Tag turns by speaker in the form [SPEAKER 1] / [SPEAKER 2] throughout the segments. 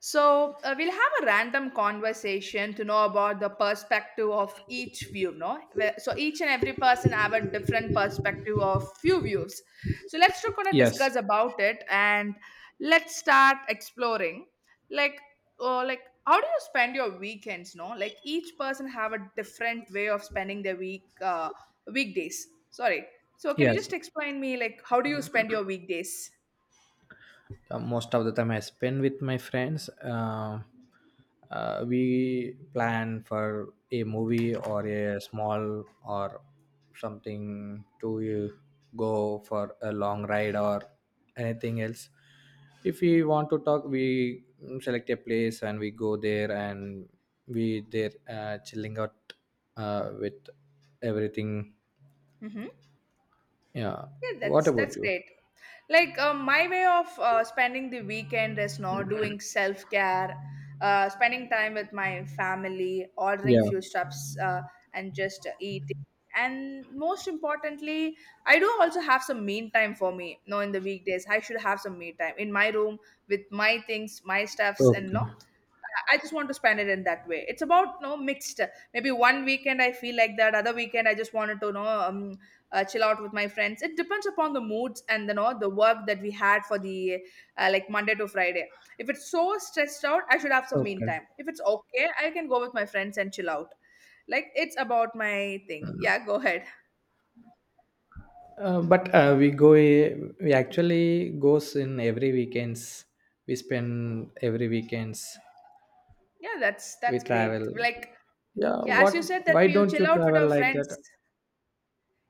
[SPEAKER 1] So we'll have a random conversation to know about the perspective of each view, no? So each and every person have a different perspective of few views. So let's talk on a
[SPEAKER 2] Yes.
[SPEAKER 1] discuss about it and let's start exploring. Like, oh, like how do you spend your weekends? No, like each person have a different way of spending their weekdays. Sorry. So can you
[SPEAKER 2] Yes.
[SPEAKER 1] just explain me like how do you spend your weekdays?
[SPEAKER 2] Most of the time I spend with my friends we plan for a movie or a small or something to go for a long ride or anything else if we want to talk we select a place and we go there and we there chilling out with everything.
[SPEAKER 1] Mm-hmm.
[SPEAKER 2] Yeah,
[SPEAKER 1] Yeah,
[SPEAKER 2] what
[SPEAKER 1] that's
[SPEAKER 2] about
[SPEAKER 1] that's
[SPEAKER 2] you?
[SPEAKER 1] great. Like my way of spending the weekend is now doing self care, spending time with my family, ordering
[SPEAKER 2] Yeah.
[SPEAKER 1] few stuffs, and just eating. And most importantly, I do also have some me time for me. No, in the weekdays, I should have some me time in my room with my things, my stuffs, and
[SPEAKER 2] Okay.
[SPEAKER 1] all. I just want to spend it in that way. It's about no mixed. Maybe one weekend I feel like that, other weekend I just wanted to know chill out with my friends. It depends upon the moods and the know the work that we had for the like Monday to Friday. If it's so stressed out, I should have some mean
[SPEAKER 2] Okay.
[SPEAKER 1] time. If it's okay, I can go with my friends and chill out. Like it's about my thing. Yeah, go ahead.
[SPEAKER 2] But we go we actually goes in every weekends, we spend every weekends,
[SPEAKER 1] Yeah, that's
[SPEAKER 2] we
[SPEAKER 1] that's
[SPEAKER 2] travel.
[SPEAKER 1] great. Like
[SPEAKER 2] Yeah,
[SPEAKER 1] yeah, as
[SPEAKER 2] what?
[SPEAKER 1] you said that
[SPEAKER 2] Why
[SPEAKER 1] we
[SPEAKER 2] don't
[SPEAKER 1] chill
[SPEAKER 2] you
[SPEAKER 1] out with
[SPEAKER 2] travel
[SPEAKER 1] our
[SPEAKER 2] like
[SPEAKER 1] friends.
[SPEAKER 2] that?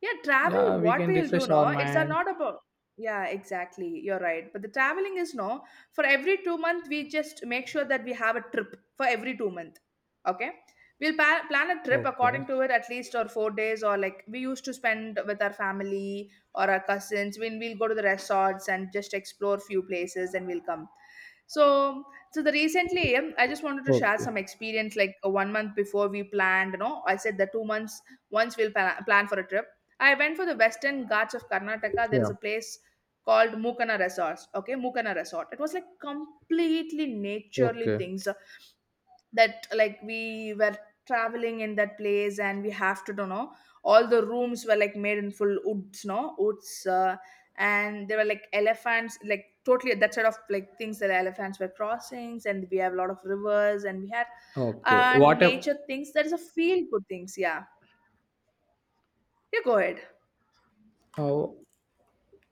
[SPEAKER 1] Yeah, travel,
[SPEAKER 2] Yeah, we
[SPEAKER 1] what
[SPEAKER 2] can
[SPEAKER 1] we'll do,
[SPEAKER 2] refresh our
[SPEAKER 1] no? It's
[SPEAKER 2] mind.
[SPEAKER 1] not about. Yeah, exactly. You're right. But the traveling is no. For every 2 month, we just make sure that we have a trip for every 2 month. Okay. Plan a trip
[SPEAKER 2] Okay.
[SPEAKER 1] according to it at least or 4 days or like we used to spend with our family or our cousins. When we'll go to the resorts and just explore few places and we'll come. So, so the recently, I just wanted to share some
[SPEAKER 2] Okay.
[SPEAKER 1] experience. Like one month before we planned, you know, I said that 2 months once plan for a trip. I went for the Western Ghats of Karnataka. There is
[SPEAKER 2] Yeah.
[SPEAKER 1] a place called Mukana Resorts. Okay, Mukana Resort. It was like completely naturally
[SPEAKER 2] Okay.
[SPEAKER 1] things that like we were traveling in that place and we have to don't know all the rooms were like made in full woods no woods and there were like elephants like totally that sort of like things that elephants were crossings and we have a lot of rivers and we had
[SPEAKER 2] Okay.
[SPEAKER 1] nature things that is a feel good things yeah you go ahead.
[SPEAKER 2] Oh,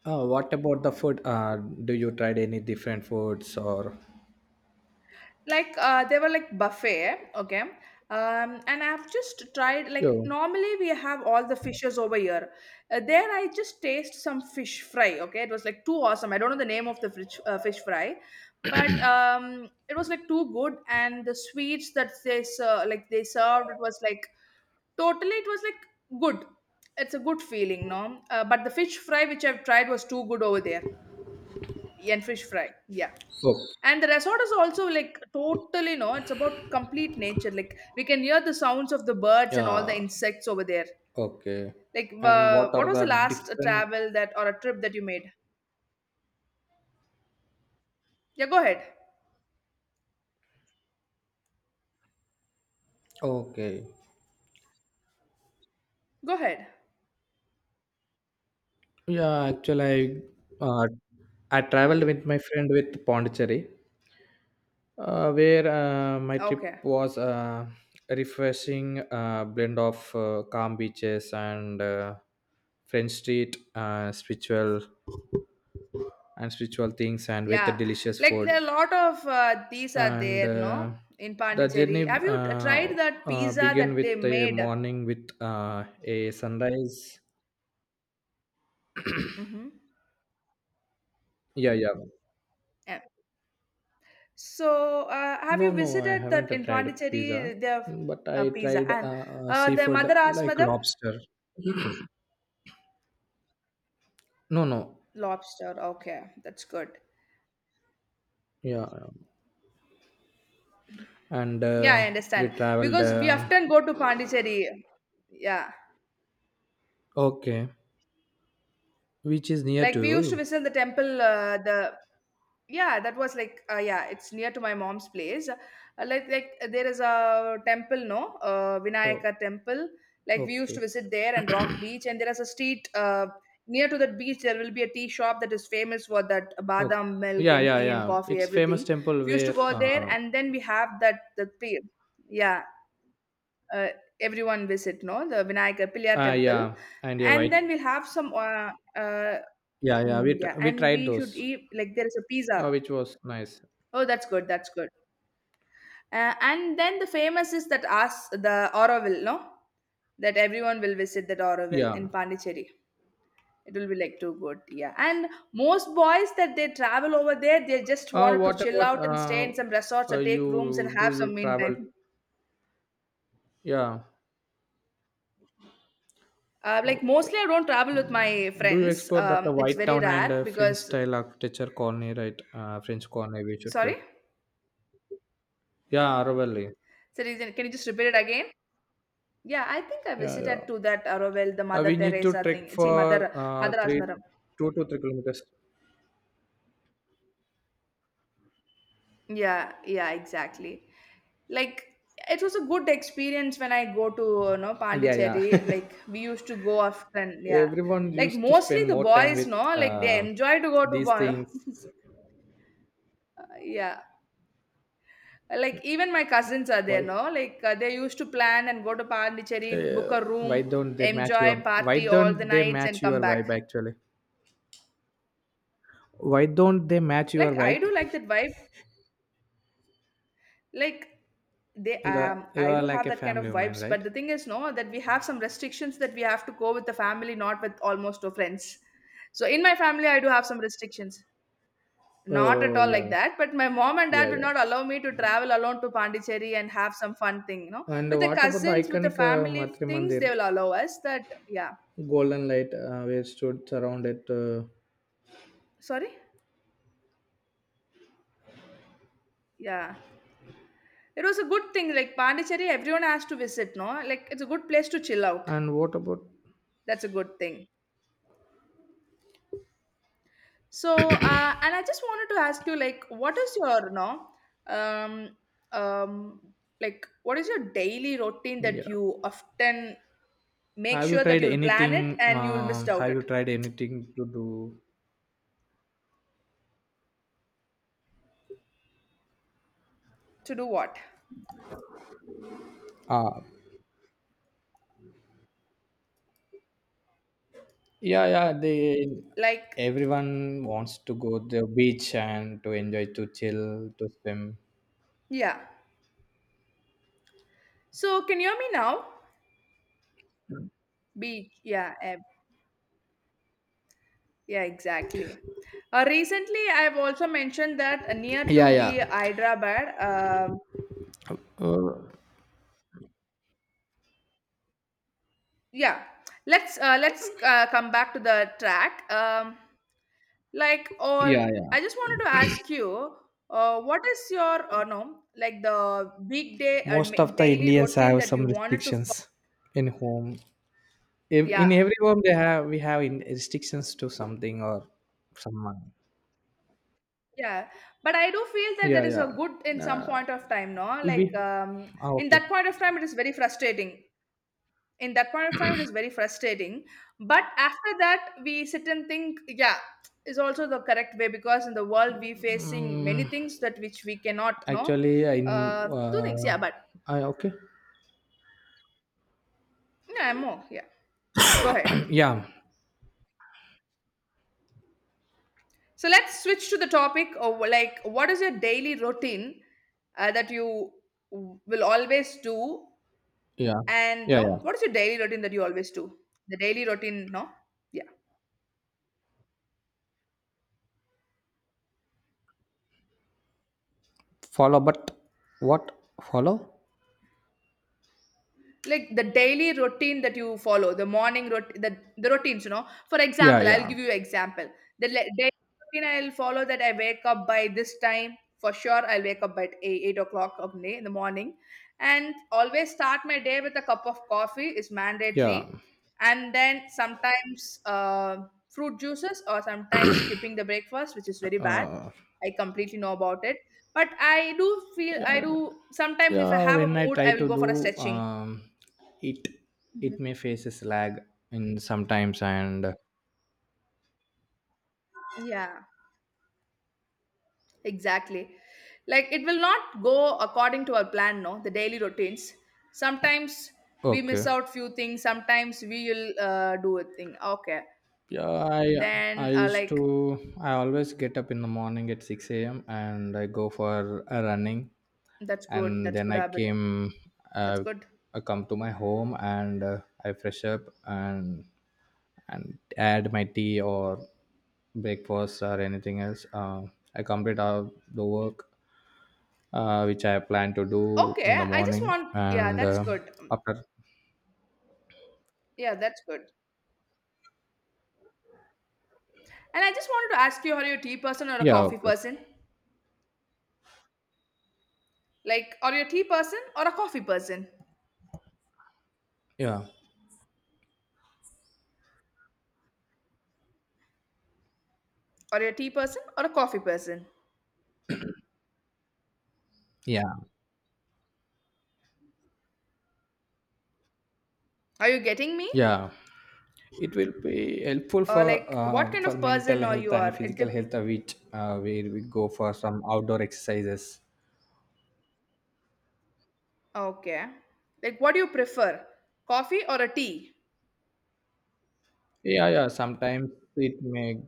[SPEAKER 2] what about the food? Do you tried any different foods or
[SPEAKER 1] Like they were like buffet okay and I've just tried like
[SPEAKER 2] yeah?
[SPEAKER 1] normally we have all the fishes over here there I just taste some fish fry okay it was like too awesome I don't know the name of the fish fry but it was like too good and the sweets that like they served it was like totally it was like good it's a good feeling no but the fish fry which I've tried was too good over there and fish fry yeah
[SPEAKER 2] Okay.
[SPEAKER 1] and the resort is also like totally, no, it's about complete nature. Like we can hear the sounds of the birds and all the
[SPEAKER 2] Yeah.
[SPEAKER 1] insects over there.
[SPEAKER 2] Okay.
[SPEAKER 1] Like,
[SPEAKER 2] And what
[SPEAKER 1] what
[SPEAKER 2] are
[SPEAKER 1] was
[SPEAKER 2] the
[SPEAKER 1] the last
[SPEAKER 2] different?
[SPEAKER 1] travel that or a trip that you made? Yeah, go ahead.
[SPEAKER 2] Okay.
[SPEAKER 1] Go ahead.
[SPEAKER 2] Yeah, actually, I uh, I traveled with my friend with Pondicherry, where my trip
[SPEAKER 1] Okay.
[SPEAKER 2] was a refreshing blend of calm beaches and French street, spiritual and spiritual things, and with the
[SPEAKER 1] Yeah.
[SPEAKER 2] delicious
[SPEAKER 1] Like there are a
[SPEAKER 2] food.
[SPEAKER 1] lot of these are
[SPEAKER 2] And
[SPEAKER 1] there, no, in
[SPEAKER 2] the
[SPEAKER 1] Pondicherry.
[SPEAKER 2] journey
[SPEAKER 1] Have you tried that pizza
[SPEAKER 2] began
[SPEAKER 1] that they
[SPEAKER 2] with the
[SPEAKER 1] made?
[SPEAKER 2] morning with a sunrise.
[SPEAKER 1] Mm-hmm.
[SPEAKER 2] Yeah, yeah.
[SPEAKER 1] Yeah. So, have
[SPEAKER 2] No,
[SPEAKER 1] you
[SPEAKER 2] no, I
[SPEAKER 1] visited that
[SPEAKER 2] haven't
[SPEAKER 1] in
[SPEAKER 2] tried
[SPEAKER 1] Pondicherry?
[SPEAKER 2] pizza,
[SPEAKER 1] They have
[SPEAKER 2] but
[SPEAKER 1] a
[SPEAKER 2] I
[SPEAKER 1] pizza,
[SPEAKER 2] tried
[SPEAKER 1] and the
[SPEAKER 2] seafood
[SPEAKER 1] mother asked
[SPEAKER 2] like
[SPEAKER 1] madam.
[SPEAKER 2] lobster. No, no,
[SPEAKER 1] Lobster, okay, that's good.
[SPEAKER 2] yeah, yeah. And
[SPEAKER 1] Yeah, I
[SPEAKER 2] we
[SPEAKER 1] understand.
[SPEAKER 2] traveled.
[SPEAKER 1] Because we often go to Pondicherry. Yeah.
[SPEAKER 2] Okay, which is near
[SPEAKER 1] Like
[SPEAKER 2] to
[SPEAKER 1] we used to
[SPEAKER 2] you?
[SPEAKER 1] visit the temple, the yeah, that was like yeah, it's near to my mom's place. Like there is a temple, no,
[SPEAKER 2] Oh,
[SPEAKER 1] Vinayaka temple. Like we used to
[SPEAKER 2] okay.
[SPEAKER 1] visit there and Rock Beach, and there is a street near to that beach. There will be a tea shop that is famous for that
[SPEAKER 2] Oh,
[SPEAKER 1] badam milk
[SPEAKER 2] yeah,
[SPEAKER 1] and
[SPEAKER 2] yeah,
[SPEAKER 1] tea and
[SPEAKER 2] yeah.
[SPEAKER 1] coffee,
[SPEAKER 2] It's famous
[SPEAKER 1] everything.
[SPEAKER 2] temple
[SPEAKER 1] We used to
[SPEAKER 2] where.
[SPEAKER 1] go there, and then we have that the tea. Yeah uh, everyone visit no the Vinayaka Pillai
[SPEAKER 2] Ah,
[SPEAKER 1] temple
[SPEAKER 2] yeah, and yeah,
[SPEAKER 1] and
[SPEAKER 2] right.
[SPEAKER 1] then we'll have some uh,
[SPEAKER 2] Yeah, yeah. We
[SPEAKER 1] yeah
[SPEAKER 2] tr- we
[SPEAKER 1] and we
[SPEAKER 2] tried
[SPEAKER 1] should
[SPEAKER 2] those,
[SPEAKER 1] eat like there is a pizza
[SPEAKER 2] which was nice.
[SPEAKER 1] oh that's good and then the famous is that us the Auroville no that everyone will visit that Auroville
[SPEAKER 2] Yeah.
[SPEAKER 1] in Pondicherry it will be like too good yeah and most boys that they travel over there they just wanted to
[SPEAKER 2] What
[SPEAKER 1] chill
[SPEAKER 2] about
[SPEAKER 1] out and stay in some resorts or take rooms and
[SPEAKER 2] you? Do
[SPEAKER 1] have some
[SPEAKER 2] you
[SPEAKER 1] mean
[SPEAKER 2] travel?
[SPEAKER 1] time.
[SPEAKER 2] Yeah.
[SPEAKER 1] Like
[SPEAKER 2] Okay.
[SPEAKER 1] mostly I don't travel with my
[SPEAKER 2] Mm, do you
[SPEAKER 1] friends.
[SPEAKER 2] explore that
[SPEAKER 1] It's
[SPEAKER 2] White
[SPEAKER 1] very
[SPEAKER 2] Town and
[SPEAKER 1] rare
[SPEAKER 2] French
[SPEAKER 1] because
[SPEAKER 2] style architecture colony, right? French colony, we should go.
[SPEAKER 1] sorry.
[SPEAKER 2] Yeah, Aravalli.
[SPEAKER 1] So can you just repeat it again? Yeah, I think I
[SPEAKER 2] Yeah, yeah.
[SPEAKER 1] visited to that Aravel, the Mother
[SPEAKER 2] We need to
[SPEAKER 1] Teresa
[SPEAKER 2] trek
[SPEAKER 1] thing. See,
[SPEAKER 2] for
[SPEAKER 1] Mother Mother Asmaram.
[SPEAKER 2] 2 to 3 kilometers.
[SPEAKER 1] Yeah, yeah, exactly. Like it was a good experience when I go to you know
[SPEAKER 2] Yeah, yeah.
[SPEAKER 1] Pondicherry. Like we used to go often. Yeah,
[SPEAKER 2] Everyone
[SPEAKER 1] like
[SPEAKER 2] used to
[SPEAKER 1] mostly
[SPEAKER 2] spend
[SPEAKER 1] the
[SPEAKER 2] more time
[SPEAKER 1] boys,
[SPEAKER 2] with
[SPEAKER 1] no, like they enjoy to go to.
[SPEAKER 2] these
[SPEAKER 1] Bon-
[SPEAKER 2] things.
[SPEAKER 1] yeah, Like even my cousins are there,
[SPEAKER 2] Why?
[SPEAKER 1] no? Like they used to plan and go to Pondicherry, book a
[SPEAKER 2] Why
[SPEAKER 1] room,
[SPEAKER 2] don't they match your?
[SPEAKER 1] enjoy
[SPEAKER 2] Why
[SPEAKER 1] party all the
[SPEAKER 2] don't they
[SPEAKER 1] nights, and
[SPEAKER 2] match
[SPEAKER 1] come
[SPEAKER 2] your
[SPEAKER 1] back.
[SPEAKER 2] vibe actually? Why don't they match your
[SPEAKER 1] Like I
[SPEAKER 2] vibe?
[SPEAKER 1] do like that vibe. Like they
[SPEAKER 2] You
[SPEAKER 1] I
[SPEAKER 2] are
[SPEAKER 1] do
[SPEAKER 2] like
[SPEAKER 1] have
[SPEAKER 2] a
[SPEAKER 1] that kind of
[SPEAKER 2] family woman,
[SPEAKER 1] vibes, but
[SPEAKER 2] right?
[SPEAKER 1] the thing is, no, that we have some restrictions that we have to go with the family, not with almost our friends. So in my family, I do have some restrictions. Not at
[SPEAKER 2] Oh
[SPEAKER 1] all like
[SPEAKER 2] yeah,
[SPEAKER 1] that, but my mom and dad
[SPEAKER 2] yeah
[SPEAKER 1] would
[SPEAKER 2] yeah.
[SPEAKER 1] not allow me to travel alone to Pondicherry and have some fun thing.
[SPEAKER 2] And
[SPEAKER 1] With the
[SPEAKER 2] what about the
[SPEAKER 1] cousins, with the
[SPEAKER 2] iconic
[SPEAKER 1] family
[SPEAKER 2] Matri
[SPEAKER 1] things, they
[SPEAKER 2] Mandir,
[SPEAKER 1] will allow us that, yeah.
[SPEAKER 2] golden light where stood around it?
[SPEAKER 1] Sorry? Yeah. It was a good thing. Like Pondicherry, everyone has to visit, no? Like it's a good place to chill out.
[SPEAKER 2] And what about
[SPEAKER 1] That's a good thing. So, and I just wanted to ask you, like, what is your, no, um, um, like, what is your daily routine that
[SPEAKER 2] yeah?
[SPEAKER 1] you often make
[SPEAKER 2] Have you
[SPEAKER 1] sure that
[SPEAKER 2] tried
[SPEAKER 1] you'll plan it
[SPEAKER 2] anything?
[SPEAKER 1] and you'll miss out
[SPEAKER 2] Have you
[SPEAKER 1] it?
[SPEAKER 2] tried anything to do?
[SPEAKER 1] To do what?
[SPEAKER 2] Uh, yeah, yeah. They
[SPEAKER 1] Like,
[SPEAKER 2] everyone wants to go to the beach and to enjoy, to chill, to swim.
[SPEAKER 1] yeah. So, can you hear me now? Beach, yeah, eh, yeah, exactly. Recently, I've also mentioned that near
[SPEAKER 2] Yeah,
[SPEAKER 1] to
[SPEAKER 2] yeah.
[SPEAKER 1] the Hyderabad.
[SPEAKER 2] Uh,
[SPEAKER 1] Yeah, let's come back to the track. Like all,
[SPEAKER 2] yeah, yeah.
[SPEAKER 1] I just wanted to ask you, what is your no like the weekday
[SPEAKER 2] Most of the
[SPEAKER 1] daily
[SPEAKER 2] Indians
[SPEAKER 1] routine
[SPEAKER 2] have
[SPEAKER 1] that you
[SPEAKER 2] some
[SPEAKER 1] wanted to follow?
[SPEAKER 2] restrictions in home. If
[SPEAKER 1] Yeah,
[SPEAKER 2] in every home they have we have in restrictions to something or someone.
[SPEAKER 1] yeah, but I do feel that that
[SPEAKER 2] Yeah,
[SPEAKER 1] is a
[SPEAKER 2] yeah.
[SPEAKER 1] good in some point of time, no?
[SPEAKER 2] We
[SPEAKER 1] Like in
[SPEAKER 2] okay.
[SPEAKER 1] that point of time, it is very frustrating. In that point of time, it is very frustrating. But after that, we sit and think, yeah, is also the correct way because in the world we facing many
[SPEAKER 2] Mm,
[SPEAKER 1] things that which we cannot, no,
[SPEAKER 2] actually,
[SPEAKER 1] two things. Yeah,
[SPEAKER 2] uh,
[SPEAKER 1] but
[SPEAKER 2] I okay.
[SPEAKER 1] yeah, more. Yeah, go ahead.
[SPEAKER 2] yeah,
[SPEAKER 1] So let's switch to the topic of like, what is your daily routine that you will always do.
[SPEAKER 2] yeah,
[SPEAKER 1] And
[SPEAKER 2] yeah,
[SPEAKER 1] no,
[SPEAKER 2] yeah.
[SPEAKER 1] what is your daily routine that you always do? The daily routine, no? Yeah.
[SPEAKER 2] Follow, but what follow?
[SPEAKER 1] Like the daily routine that you follow, the morning routine, the routines, you know. For
[SPEAKER 2] Yeah,
[SPEAKER 1] example, I'll
[SPEAKER 2] yeah,
[SPEAKER 1] give you example. Daily routine I'll follow that I wake up by this time. For sure, I'll wake up at 8 o'clock of day in the morning. And always start my day with a cup of coffee is
[SPEAKER 2] yeah.
[SPEAKER 1] mandatory. And then sometimes fruit juices or sometimes skipping the breakfast, which is very bad.
[SPEAKER 2] Uh,
[SPEAKER 1] I completely know about it. But I do feel I do sometimes if I
[SPEAKER 2] yeah.
[SPEAKER 1] have a
[SPEAKER 2] When I
[SPEAKER 1] mood,
[SPEAKER 2] try
[SPEAKER 1] I will
[SPEAKER 2] to
[SPEAKER 1] go for a
[SPEAKER 2] do
[SPEAKER 1] stretching.
[SPEAKER 2] it,
[SPEAKER 1] Mhm.
[SPEAKER 2] it may faces lag in sometimes and
[SPEAKER 1] Yeah, exactly. Like it will not go according to our plan, no, the daily routines. Sometimes we miss
[SPEAKER 2] okay.
[SPEAKER 1] out few things, sometimes we will do a thing. Okay.
[SPEAKER 2] Yeah, I
[SPEAKER 1] Then
[SPEAKER 2] used to
[SPEAKER 1] like
[SPEAKER 2] I always get up in the morning at 6 a.m. and I go for a running
[SPEAKER 1] that's good.
[SPEAKER 2] and
[SPEAKER 1] That's
[SPEAKER 2] then
[SPEAKER 1] good
[SPEAKER 2] I
[SPEAKER 1] habit.
[SPEAKER 2] came
[SPEAKER 1] That's
[SPEAKER 2] uh,
[SPEAKER 1] good.
[SPEAKER 2] I come to my home and I fresh up and add my tea or breakfast or anything else. I complete all the work which I plan to do
[SPEAKER 1] Okay,
[SPEAKER 2] in the
[SPEAKER 1] I just
[SPEAKER 2] morning
[SPEAKER 1] want yeah,
[SPEAKER 2] and
[SPEAKER 1] that's good.
[SPEAKER 2] after
[SPEAKER 1] Yeah, that's good. And I just wanted to ask you, are you a tea person or a
[SPEAKER 2] yeah
[SPEAKER 1] coffee
[SPEAKER 2] okay.
[SPEAKER 1] person? Like, are you a tea person or a coffee person?
[SPEAKER 2] Yeah
[SPEAKER 1] Are you a tea person or a coffee person?
[SPEAKER 2] yeah
[SPEAKER 1] Are you getting me?
[SPEAKER 2] yeah it will be helpful
[SPEAKER 1] Or like, what kind
[SPEAKER 2] for
[SPEAKER 1] of person
[SPEAKER 2] mental
[SPEAKER 1] are
[SPEAKER 2] health
[SPEAKER 1] you
[SPEAKER 2] and
[SPEAKER 1] are? It
[SPEAKER 2] physical
[SPEAKER 1] dep-
[SPEAKER 2] health which where we go for some outdoor exercises.
[SPEAKER 1] okay. Like, what do you prefer, coffee or a tea?
[SPEAKER 2] Yeah yeah sometimes it may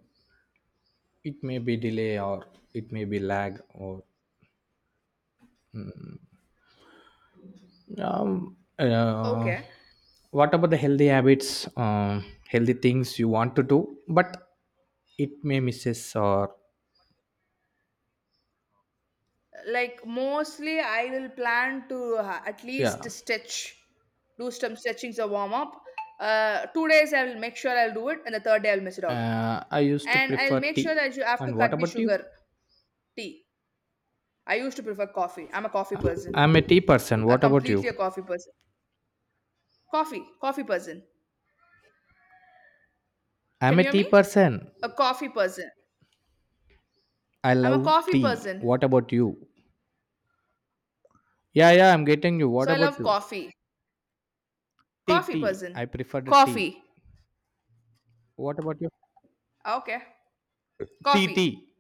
[SPEAKER 2] it may be delay or it may be lag or um, uh,
[SPEAKER 1] Okay.
[SPEAKER 2] what about the healthy habits, healthy things you want to do but it may misses or
[SPEAKER 1] Like mostly, I will plan to at least
[SPEAKER 2] yeah.
[SPEAKER 1] stretch, do some stretchings or warm up. 2 days I will make sure I'll do it, and the third day I'll miss it out.
[SPEAKER 2] Uh, I used to
[SPEAKER 1] And I'll
[SPEAKER 2] prefer
[SPEAKER 1] make
[SPEAKER 2] tea
[SPEAKER 1] sure that you have to
[SPEAKER 2] and
[SPEAKER 1] cut
[SPEAKER 2] what
[SPEAKER 1] the
[SPEAKER 2] about you?
[SPEAKER 1] sugar tea. I used to prefer coffee. I'm a coffee
[SPEAKER 2] Uh,
[SPEAKER 1] person.
[SPEAKER 2] I'm a tea person,
[SPEAKER 1] A
[SPEAKER 2] what about you?
[SPEAKER 1] completely a coffee person coffee coffee person can
[SPEAKER 2] I'm a
[SPEAKER 1] you hear
[SPEAKER 2] tea
[SPEAKER 1] me
[SPEAKER 2] person.
[SPEAKER 1] a coffee person
[SPEAKER 2] I
[SPEAKER 1] I'm a
[SPEAKER 2] love
[SPEAKER 1] coffee
[SPEAKER 2] tea.
[SPEAKER 1] person
[SPEAKER 2] What about you? Yeah, yeah, I'm getting you.
[SPEAKER 1] so
[SPEAKER 2] What
[SPEAKER 1] I
[SPEAKER 2] about
[SPEAKER 1] love
[SPEAKER 2] you?
[SPEAKER 1] coffee
[SPEAKER 2] Tea,
[SPEAKER 1] coffee
[SPEAKER 2] tea.
[SPEAKER 1] person
[SPEAKER 2] I prefer the tea.
[SPEAKER 1] coffee
[SPEAKER 2] What about you?
[SPEAKER 1] okay
[SPEAKER 2] Tea,
[SPEAKER 1] coffee
[SPEAKER 2] tea.